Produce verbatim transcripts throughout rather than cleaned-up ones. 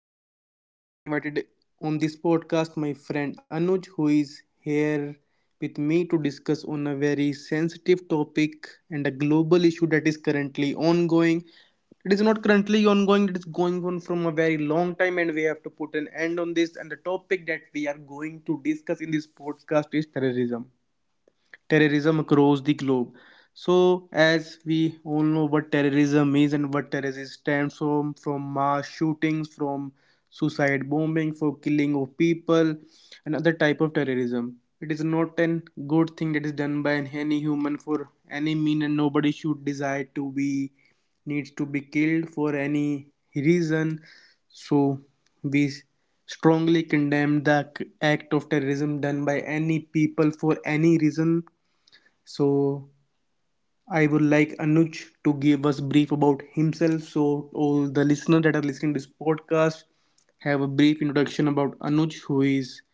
Abel, and I have invited on this podcast my friend Anuj, who is here with me to discuss on a very sensitive topic and a global issue that is currently ongoing. It is not currently ongoing; it is going on from a very long time, and we have to put an end on this. And the topic that we are going to discuss in this podcast is terrorism terrorism across the globe. So, as we all know what terrorism is and what terrorism stands from, from mass shootings, from suicide bombing, for killing of people, another type of terrorism. It is not an good thing that is done by any human for any mean, and nobody should desire to be needs to be killed for any reason. So, we strongly condemn the act of terrorism done by any people for any reason. So I would like Anuj to give us brief about himself. So all the listeners that are listening to this podcast have a brief introduction about Anuj, who is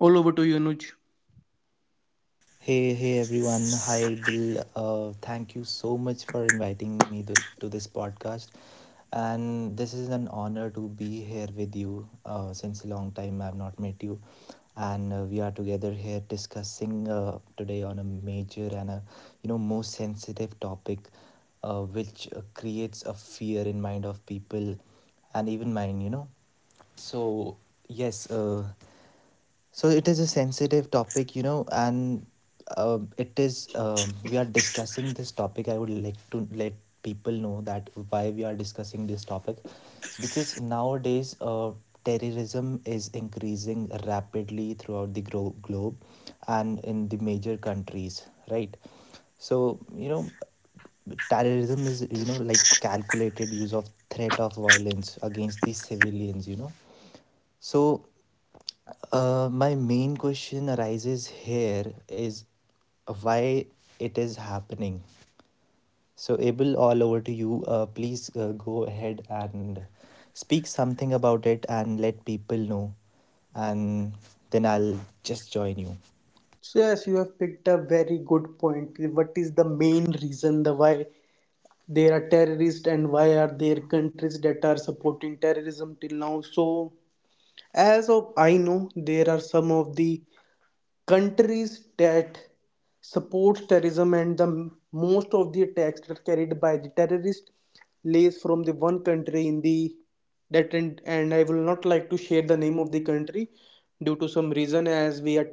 all over to you, Anuj. Hey, hey everyone. Hi, Bill. Uh, thank you so much for inviting me to, to this podcast. And this is an honor to be here with you. Uh, since a long time I've not met you. And uh, we are together here discussing uh, today on a major and a, you know, most sensitive topic uh, which uh, creates a fear in mind of people and even mine, you know. So, yes, uh, so it is a sensitive topic, you know, and um, it is um, we are discussing this topic. I would like to let people know that why we are discussing this topic, because nowadays uh, terrorism is increasing rapidly throughout the gro- globe, and in the major countries, right? So you know, terrorism is you know like calculated use of threat of violence against the civilians, you know. So uh, my main question arises here is why it is happening. So, Abel, all over to you. Uh, please uh, go ahead and speak something about it and let people know, and then I'll just join you. So yes, you have picked a very good point. What is the main reason the why there are terrorists and why are there countries that are supporting terrorism till now? So as of I know, there are some of the countries that support terrorism and the most of the attacks that are carried by the terrorist lays from the one country in the that, and, and I will not like to share the name of the country due to some reason. As we are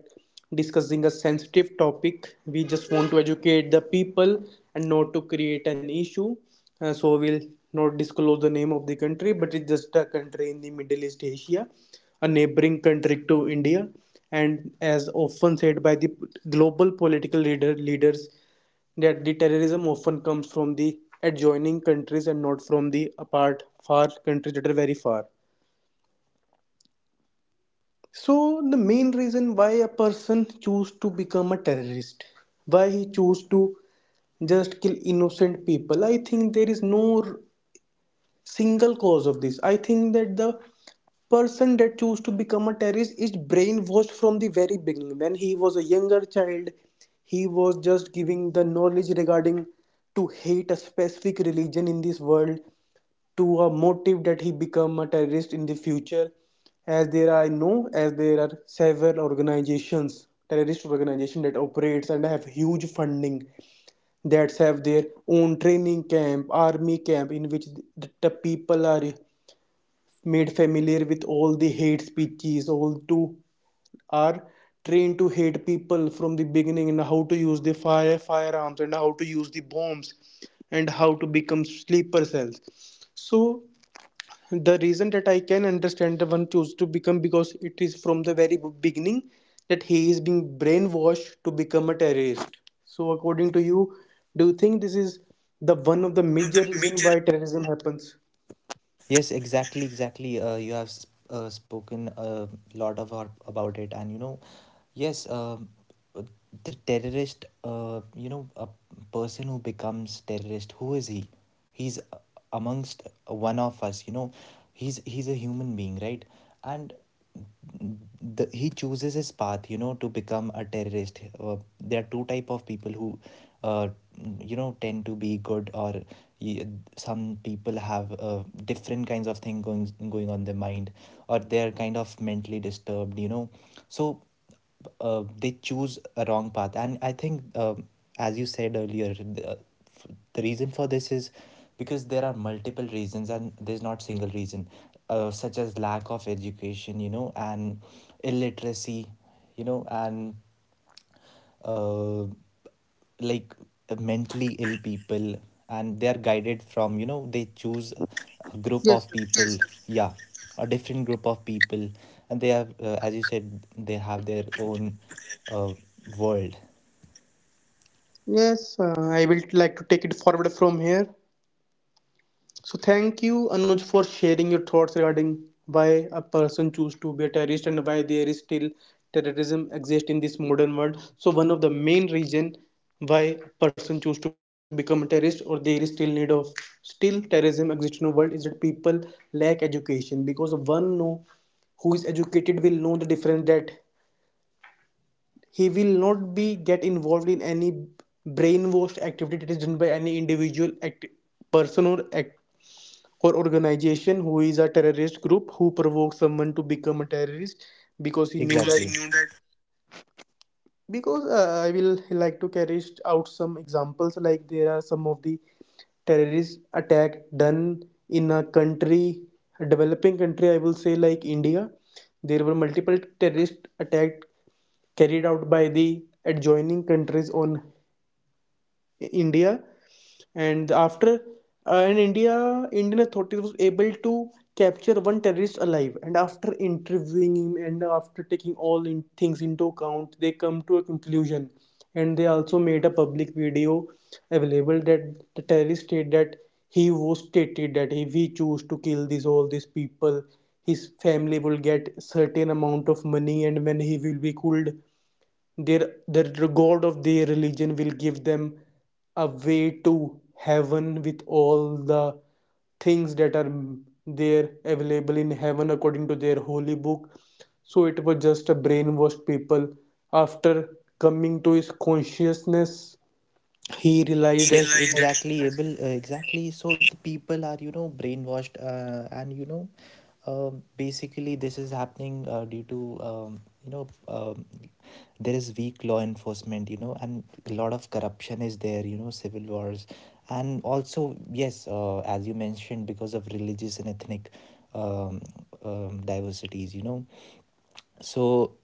discussing a sensitive topic, we just want to educate the people and not to create an issue, uh, so we'll not disclose the name of the country, but it's just a country in the Middle East Asia, a neighboring country to India. And as often said by the global political leader leaders, that the terrorism often comes from the adjoining countries and not from the apart far countries that are very far. So the main reason why a person choose to become a terrorist, why he choose to just kill innocent people, I think there is no single cause of this. I think that the person that choose to become a terrorist is brainwashed from the very beginning. When he was a younger child, he was just giving the knowledge regarding to hate a specific religion in this world, to a motive that he become a terrorist in the future. As there I know, as there are several organizations, terrorist organization, that operates and have huge funding, that have their own training camp, army camp, in which the, the people are made familiar with all the hate speeches, all to are trained to hate people from the beginning, and how to use the fire firearms and how to use the bombs and how to become sleeper cells. So the reason that I can understand the one chose to become, because it is from the very beginning that he is being brainwashed to become a terrorist. So according to you, do you think this is the one of the major One of the reason why major. terrorism happens? Yes, exactly, exactly. Uh, you have s- uh, spoken a lot of our, about it, and you know, yes, um, uh, the terrorist. Uh, you know, a person who becomes terrorist. Who is he? He's a- amongst one of us. You know, he's he's a human being, right? And the, he chooses his path you know to become a terrorist. Uh, there are two type of people who uh, you know tend to be good, or some people have uh, different kinds of thing going going on their mind, or they're kind of mentally disturbed, you know. So uh, they choose a wrong path, and I think uh, as you said earlier the, the reason for this is because there are multiple reasons and there's not single reason, uh, such as lack of education, you know, and illiteracy, you know, and uh, like uh, mentally ill people, and they are guided from, you know, they choose a group Yes, yes. of people. Yeah, a different group of people. And they have uh, as you said they have their own uh, world. Yes, uh, I will like to take it forward from here. So thank you, Anuj, for sharing your thoughts regarding why a person choose to be a terrorist and why there is still terrorism exists in this modern world. So one of the main reason why a person choose to become a terrorist, or there is still need of still terrorism exists in the world, is that people lack education, because one know who is educated will know the difference, that he will not be get involved in any brainwashed activity that is done by any individual act- person or act- or organization who is a terrorist group who provokes someone to become a terrorist, because he Because knew that. Exactly. Because he knew that. Because, uh, I will like to carry out some examples. Like there are some of the terrorist attack done in a country, a developing country I will say, like India. There were multiple terrorist attack carried out by the adjoining countries on India, and after, uh, in India, Indian authorities was able to capture one terrorist alive, and after interviewing him and after taking all in things into account, they come to a conclusion, and they also made a public video available that the terrorist state that he was stated that if he choose to kill these all these people, his family will get certain amount of money, and when he will be killed, their the god of their religion will give them a way to heaven with all the things that are there available in heaven according to their holy book. So it was just a brainwashed people. After coming to his consciousness, he realized He. that Yes, he relied it. has Exactly, Abel. Uh, exactly. So the people are, you know, brainwashed, uh, and you know, um, basically this is happening uh, due to, um, you know, um, there is weak law enforcement, you know, and a lot of corruption is there, you know, civil wars, and also yes, uh, as you mentioned, because of religious and ethnic um, um, diversities, you know. So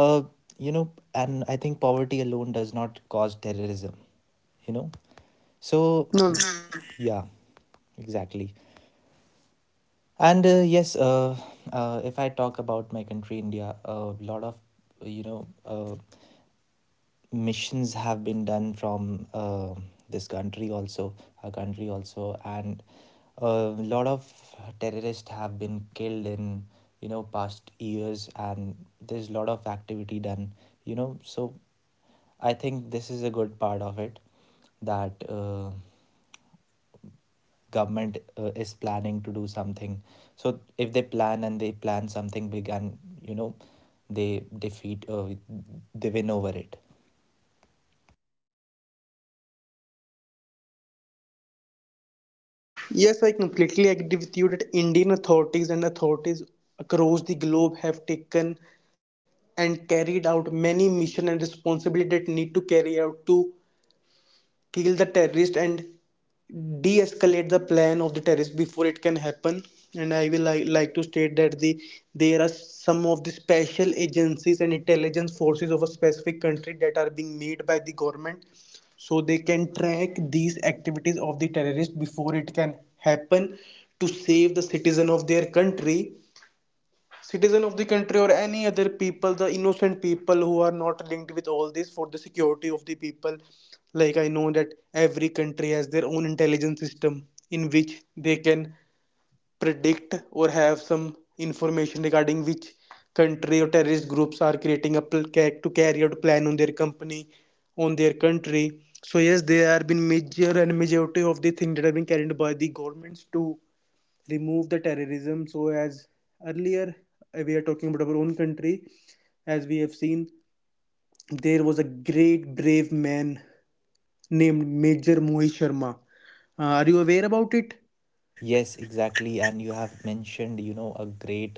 uh you know, and I think poverty alone does not cause terrorism, you know. So no. yeah, exactly. And uh, yes, uh, uh, if I talk about my country, India, a lot of you know uh, missions have been done from uh, this country also, our country also, and a lot of terrorists have been killed in you know past years, and there's a lot of activity done. You know, so I think this is a good part of it that. Uh, government uh, is planning to do something, so if they plan and they plan something big, and you know they defeat uh, they win over it. Yes, I completely agree with you that Indian authorities and authorities across the globe have taken and carried out many mission and responsibility that need to carry out to kill the terrorist and de-escalate the plan of the terrorist before it can happen. And I will li- like to state that the there are some of the special agencies and intelligence forces of a specific country that are being made by the government, so they can track these activities of the terrorist before it can happen, to save the citizen of their country, citizen of the country, or any other people, the innocent people who are not linked with all this, for the security of the people. Like I know that every country has their own intelligence system in which they can predict or have some information regarding which country or terrorist groups are creating a pl- ca- to carry out plan on their company on their country. So yes, there have been major and majority of the things that have been carried by the governments to remove the terrorism. So as earlier, uh, we are talking about our own country. As we have seen, there was a great brave man named Major Mohit Sharma. Uh, are you aware about it? Yes, exactly, and you have mentioned you know a great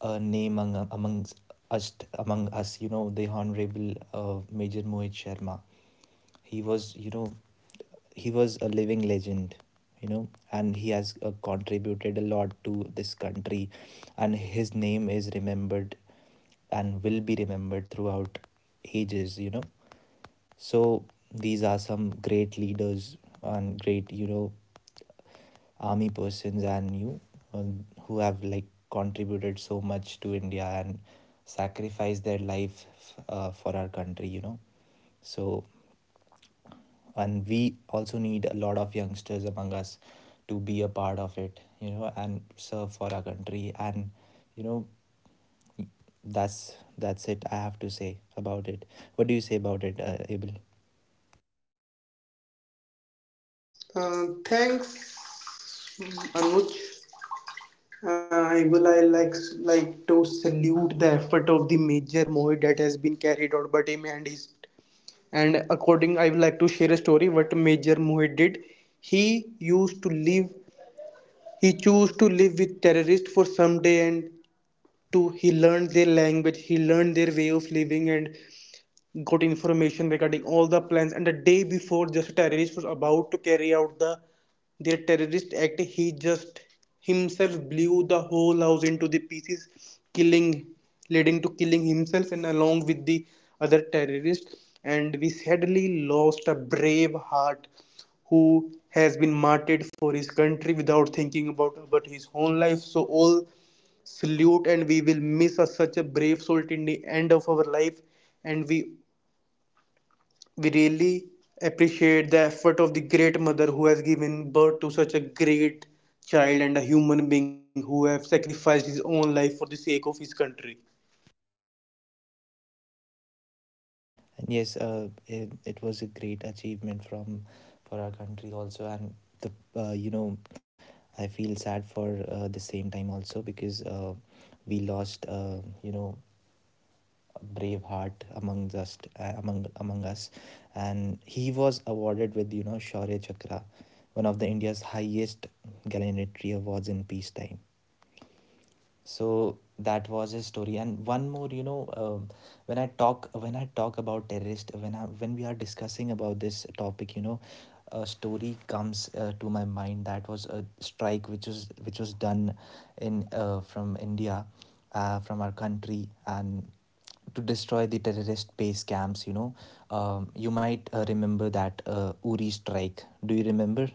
uh, name among, amongst us, among us, you know, the honorable uh, Major Mohit Sharma. He was you know he was a living legend, you know, and he has uh, contributed a lot to this country, and his name is remembered and will be remembered throughout ages, you know. So these are some great leaders and great you know army persons and you um, who have like contributed so much to India and sacrificed their life uh, for our country, you know. So and we also need a lot of youngsters among us to be a part of it, you know, and serve for our country, and you know that's that's it. I have to say about it. What do you say about it, uh, Abel? Uh, thanks, Anuj. Uh, I will I like like to salute the effort of the Major Mohit that has been carried out by him and his, and according I would like to share a story what Major Mohit did. He used to live He chose to live with terrorists for some day, and to he learned their language, he learned their way of living, and got information regarding all the plans. And the day before just a terrorist was about to carry out the their terrorist act, he just himself blew the whole house into the pieces, killing, leading to killing himself and along with the other terrorist. And we sadly lost a brave heart who has been martyred for his country without thinking about about his own life. So all salute, and we will miss a, such a brave soul in the end of our life. And we we really appreciate the effort of the great mother who has given birth to such a great child and a human being who have sacrificed his own life for the sake of his country. And yes, uh, it, it was a great achievement from for our country also, and the uh, you know I feel sad for uh, the same time also because uh, we lost uh, you know brave heart among us, uh, among among us. And he was awarded with you know Shaurya Chakra, one of the India's highest gallantry awards in peacetime. So that was his story, and one more you know um, when I talk when i talk about terrorist, when I when we are discussing about this topic, you know, a story comes uh, to my mind, that was a strike which was which was done in uh, from India, uh, from our country, and to destroy the terrorist base camps, you know. Um, you might uh, remember that uh, Uri strike. Do you remember?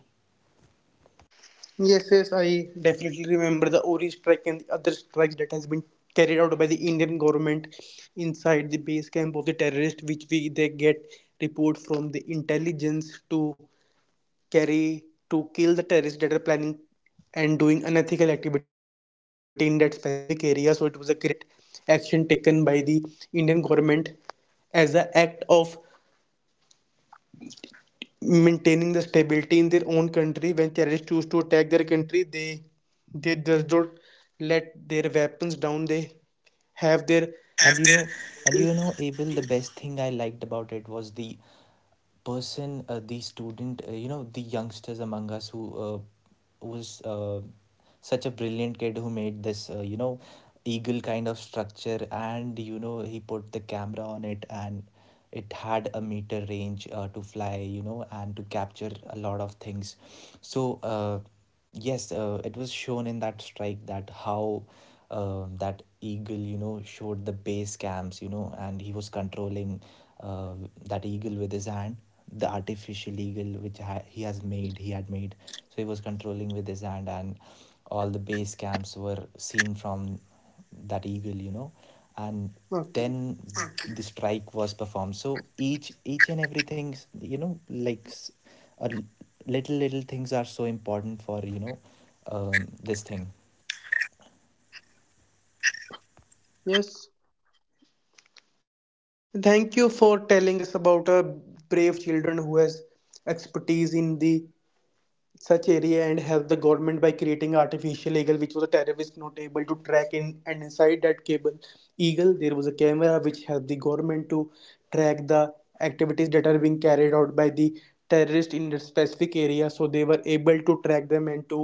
Yes, yes, I definitely remember the Ori strike and the other strikes that has been carried out by the Indian government inside the base camp of the terrorist, which we they get report from the intelligence to carry to kill the terrorists that are planning and doing unethical activity in that specific area. So it was a great action taken by the Indian government as an act of maintaining the stability in their own country. When terrorists choose to attack their country, they they just don't let their weapons down. They have their. Have and you they- know, and you know Abel, the best thing I liked about it was the person uh, the student uh, you know the youngsters among us who uh, was uh, such a brilliant kid who made this uh, you know eagle kind of structure, and you know he put the camera on it, and it had a meter range uh, to fly, you know, and to capture a lot of things. So uh, yes, uh, it was shown in that strike that how um that eagle you know showed the base camps, you know, and he was controlling uh, that eagle with his hand, the artificial eagle which ha- he has made, he had made, so he was controlling with his hand, and all the base camps were seen from that eagle you know and then Okay. the strike was performed. So each each and everything you know like s- a l- little little things are so important for you know um, this thing. Yes. Thank you for telling us about our brave children who has expertise in the such area and help the government by creating artificial eagle which was a terrorist not able to track in, and inside that cable eagle there was a camera which helped the government to track the activities that are being carried out by the terrorist in the specific area, so they were able to track them and to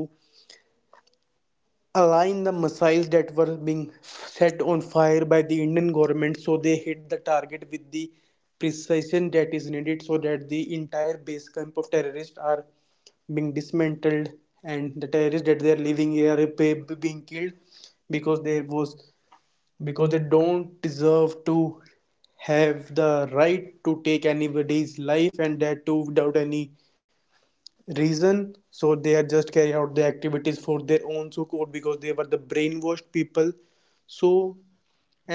align the missiles that were being set on fire by the Indian government so they hit the target with the precision that is needed so that the entire base camp of terrorists are being dismantled and the terrorists that they are living here are being killed. Because there was Because they don't deserve to have the right to take anybody's life, and that too without any reason. So they are just carry out the activities for their own sake or because they were the brainwashed people. So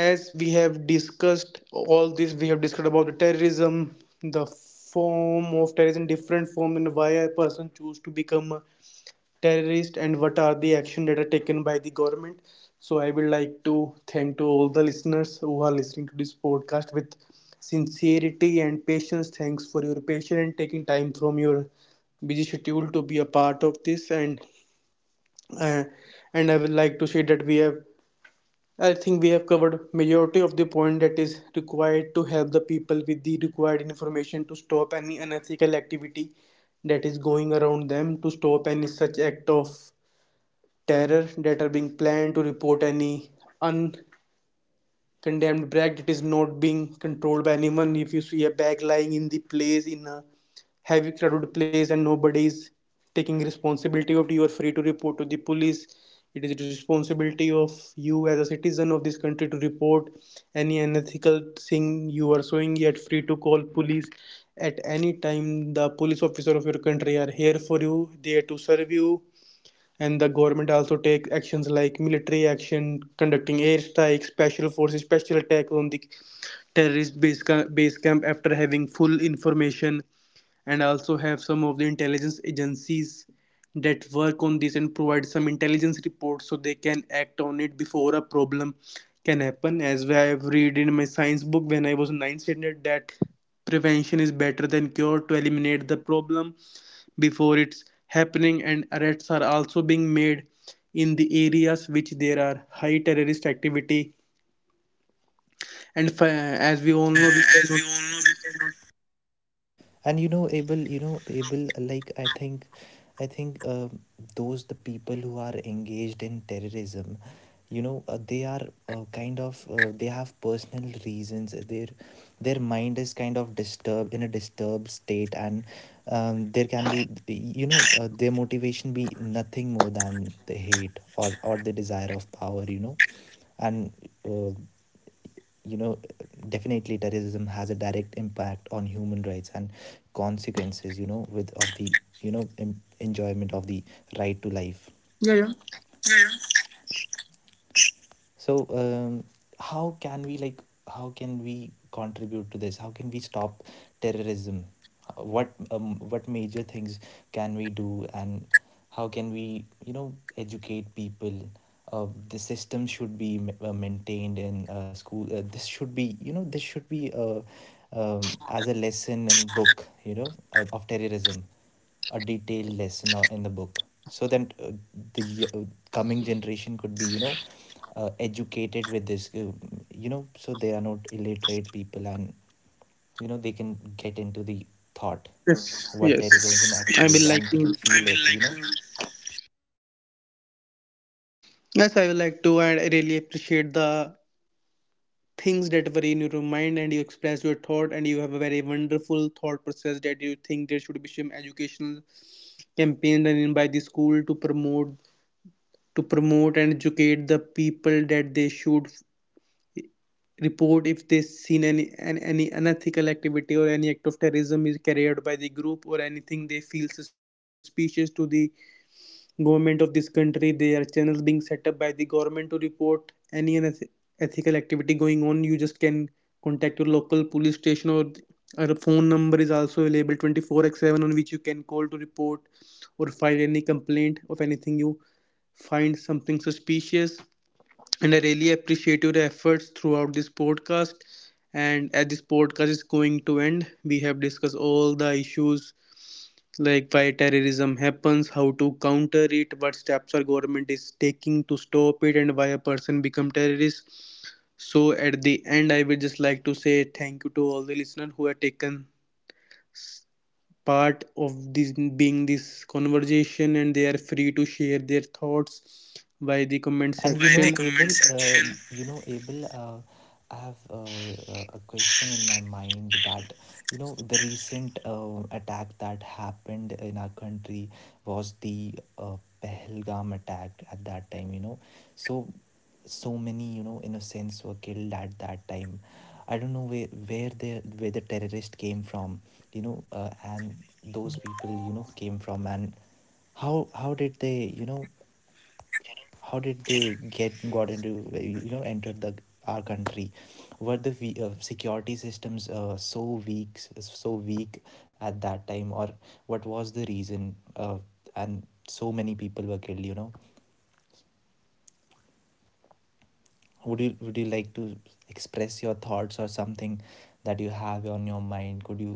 as we have discussed all this, we have discussed about the terrorism, the form of terrorism, different form, and why a person choose to become a terrorist and what are the action that are taken by the government. So I would like to thank to all the listeners who are listening to this podcast with sincerity and patience. Thanks for your patience and taking time from your busy schedule to be a part of this. And uh, and i would like to say that we have I think we have covered majority of the point that is required to help the people with the required information to stop any unethical activity that is going around them, to stop any such act of terror that are being planned, to report any uncondemned bag that is not being controlled by anyone. If you see a bag lying in the place in a heavy crowded place and nobody is taking responsibility of it, you are free to report to the police. It is the responsibility of you as a citizen of this country to report any unethical thing you are showing. Yet free to call police at any time. The police officer of your country are here for you, there to serve you. And the government also take actions like military action, conducting airstrikes, special forces, special attack on the terrorist base, ca- base camp, after having full information. And also have some of the intelligence agencies that work on this and provide some intelligence reports so they can act on it before a problem can happen. As I have read in my science book when I was ninth standard, that prevention is better than cure, to eliminate the problem before it's happening. And arrests are also being made in the areas which there are high terrorist activity. And fi- as we And If, all know, we uh, as cannot. we all know, and you know Abel, you know Abel. Like I think i think uh, those the people who are engaged in terrorism, you know, uh, they are uh, kind of uh, they have personal reasons. their their mind is kind of disturbed in a disturbed state, and um, there can be you know uh, their motivation be nothing more than the hate, or or the desire of power, you know. And uh, you know definitely terrorism has a direct impact on human rights and consequences you know with of the you know em- enjoyment of the Yeah. right to life. Yeah, yeah. So um, how can we like how can we contribute to this, how can we stop terrorism? Uh, what um, what major things can we do, and how can we you know educate people? uh, the system should be ma- uh, maintained in uh, school. Uh, this should be you know this should be uh, um, as a lesson in book, you know, of of terrorism, a detailed lesson or- in the book, so that uh, the uh, coming generation could be you know uh, educated with this uh, you know, so they are not illiterate people, and you know they can get into the thought Yes, what yes. terrorism I actually will is. like Yes, and to. they can. I feel. I mean, it like, you like, know. Yes, I will like to. And I really appreciate the things that were in your mind, and you express your thought, and you have a very wonderful thought process that you think there should be some educational campaign done in by the school, to promote to promote and educate the people that they should report if they seen any, any any unethical activity or any act of terrorism is carried by the group or anything they feel suspicious to the government of this country. There are channels being set up by the government to report any unethical activity going on. You just can contact your local police station or our phone number is also available twenty four x seven, on which you can call to report or file any complaint of anything you find something suspicious. And I really appreciate your efforts throughout this podcast. And as this podcast is going to end, we have discussed all the issues like why terrorism happens, how to counter it, what steps our government is taking to stop it, and why a person become terrorist. So at the end, I would just like to say thank you to all the listeners who have taken part of this being this conversation, and they are free to share their thoughts by the comment And you by know, the section. comment Abel, uh, section. You know, Abel, uh, I have uh, uh, a question in my mind that, you know, the recent uh, attack that happened in our country was the uh, Pehelgam attack at that time, you know. So, so many, you know, innocents were killed at that time. I don't know where, where the where the terrorist came from, you know, uh, and those people, you know, came from, and how how did they you know how did they get got into you know entered the our country. Were the we- uh, security systems uh, so weak so weak at that time, or what was the reason, uh, and so many people were killed, you know? Would you would you like to express your thoughts, or something that you have on your mind? Could you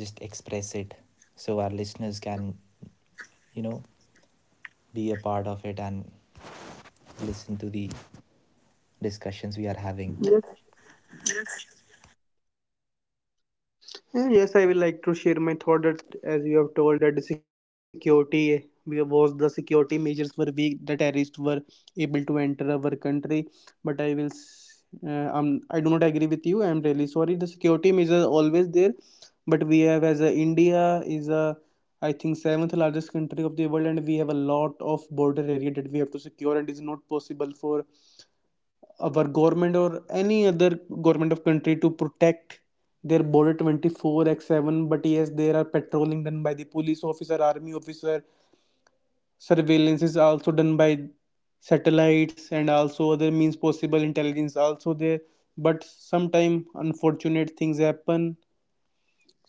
just express it, so our listeners can you know be a part of it and listen to the discussions we are having? Yes. Uh, Yes, I will like to share my thought that, as you have told that the security we was the security measures were weak, the terrorists were able to enter our country. But I will, s- uh, um, I do not agree with you. I am really sorry. The security measures are always there, but we have, as a India is a, I think, seventh largest country of the world, and we have a lot of border area that we have to secure, and it is not possible for our government or any other government of country to protect their border twenty four x seven. But yes, there are patrolling done by the police officer, army officer. Surveillance is also done by satellites and also other means possible. Intelligence also there. But sometime unfortunate things happen,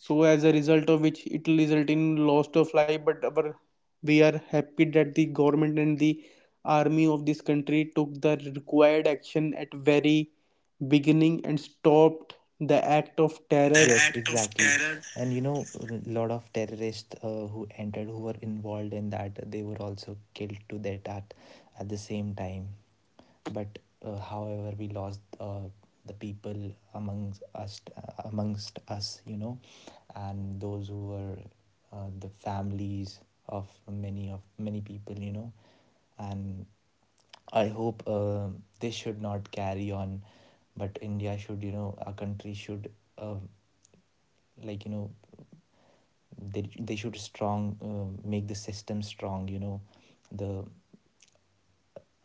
so as a result of which it will result in loss of life. But our, we are happy that the government and the army of this country took the required action at very beginning and stopped the act of The. terror. Yes, act of exactly, terror. And you know, a lot of terrorists uh, who entered, who were involved in that, they were also killed to that at, at the same time. But uh, however, we lost uh, the people amongst us, uh, amongst us, you know, and those who were uh, the families of many of many people, you know. And I hope uh, this should not carry on, but India should, you know, our country should, uh, like you know, they, they should strong uh, make the system strong, you know, the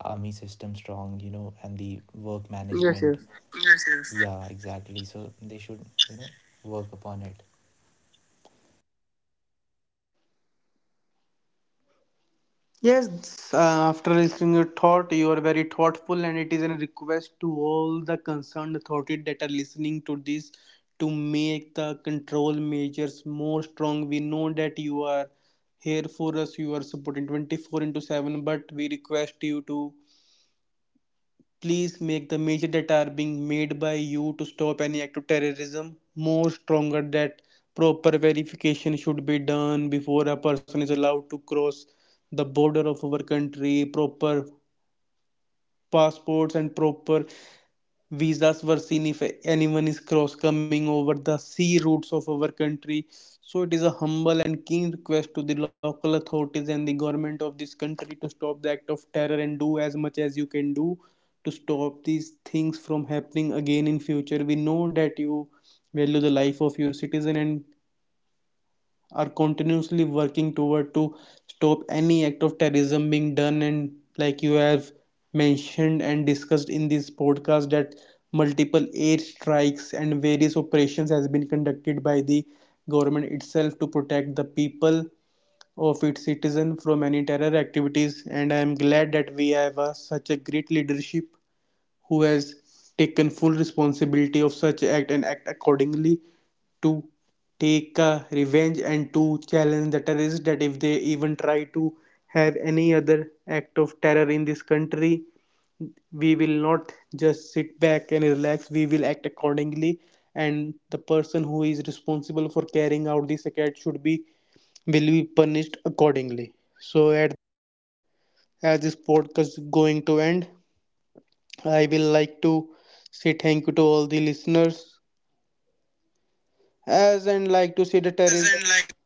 army system strong, you know, and the work management. Yes, yes, yeah, exactly, so they should you know work upon it. Yes, uh, after listening your thought, you are very thoughtful. And it is a request to all the concerned authorities that are listening to this, to make the control measures more strong. We know that you are here for us, you are supporting twenty four into seven, but we request you to, please make the measures that are being made by you to stop any act of terrorism more stronger, that proper verification should be done before a person is allowed to cross the border of our country. Proper passports and proper visas were seen if anyone is cross coming over the sea routes of our country. So it is a humble and keen request to the local authorities and the government of this country to stop the act of terror and do as much as you can do to stop these things from happening again in future. We know that you value the life of your citizen and are continuously working toward to stop any act of terrorism being done. And like you have mentioned and discussed in this podcast, that multiple air strikes and various operations has been conducted by the government itself to protect the people of its citizen from any terror activities. And I am glad that we have a, such a great leadership who has taken full responsibility of such act and act accordingly, to take uh, revenge and to challenge the terrorists that if they even try to have any other act of terror in this country, we will not just sit back and relax, we will act accordingly. And the person who is responsible for carrying out this act should be will be punished accordingly. So at, as this podcast is going to end, I will like to say thank you to all the listeners. As and like to say the As terrorism. in, like to.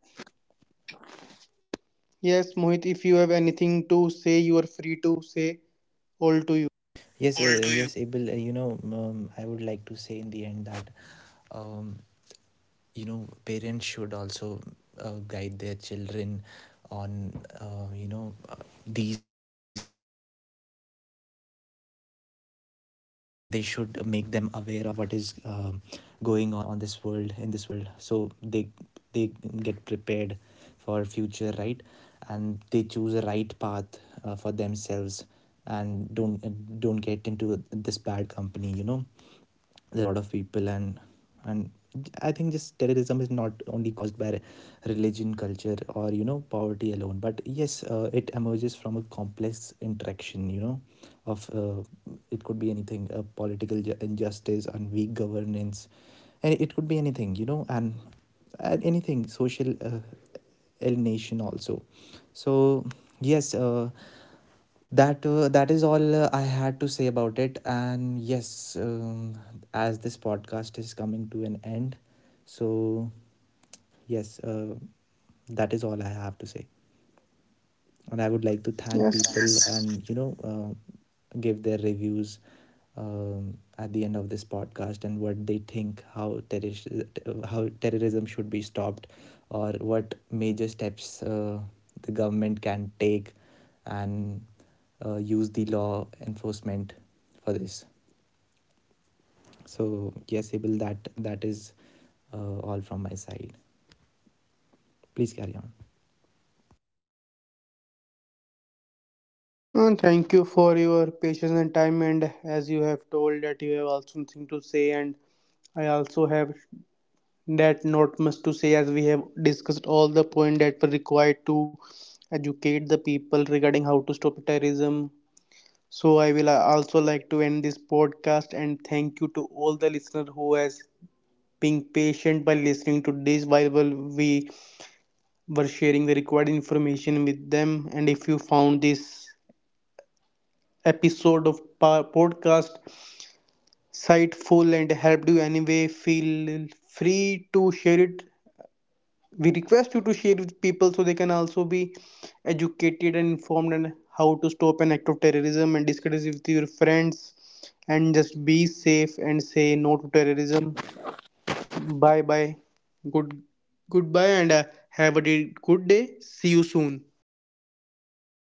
Yes, Mohit, if you have anything to say, you are free to say all to you. Yes. Or uh, do you- yes Abel, uh, you know um, I would like to say in the end that um, you know parents should also uh, guide their children on uh, you know uh, these uh, things also, and they should make them aware of what is um, going on on this world in this world, so they they get prepared for future, right? And they choose the right path uh, for themselves, and don't uh, don't get into this bad company, you know. There are a lot of people, and and I think just terrorism is not only caused by religion, culture, or you know poverty alone, but yes, uh, it emerges from a complex interaction you know of uh, it could be anything, uh, political injustice and weak governance, and it could be anything, you know, and, and anything social uh, alienation also. So yes, uh, that uh, that is all uh, I had to say about it. And yes, um, as this podcast is coming to an end, so yes, uh, that is all I have to say, and I would like to thank people. Yes. Yes, and you know uh, give their reviews um, at the end of this podcast, and what they think how terrorism how terrorism should be stopped, or what major steps uh, the government can take, and uh, use the law enforcement for this. So yes, Abel, that that is uh, all from my side. Please carry on. And thank you for your patience and time. And as you have told that you have also something to say, and I also have that not much to say, as we have discussed all the point that were required to educate the people regarding how to stop terrorism. So I will uh, also like to end this podcast and thank you to all the listener who has been patient by listening to this while we were sharing the required information with them. And if you found this episode of podcast insightful and helped you anyway, feel free to share it. We request you to share with people so they can also be educated and informed on how to stop an act of terrorism, and discuss it with your friends. And just be safe and say no to terrorism. Bye bye. Good, goodbye. And uh, have a de- good day. See you soon.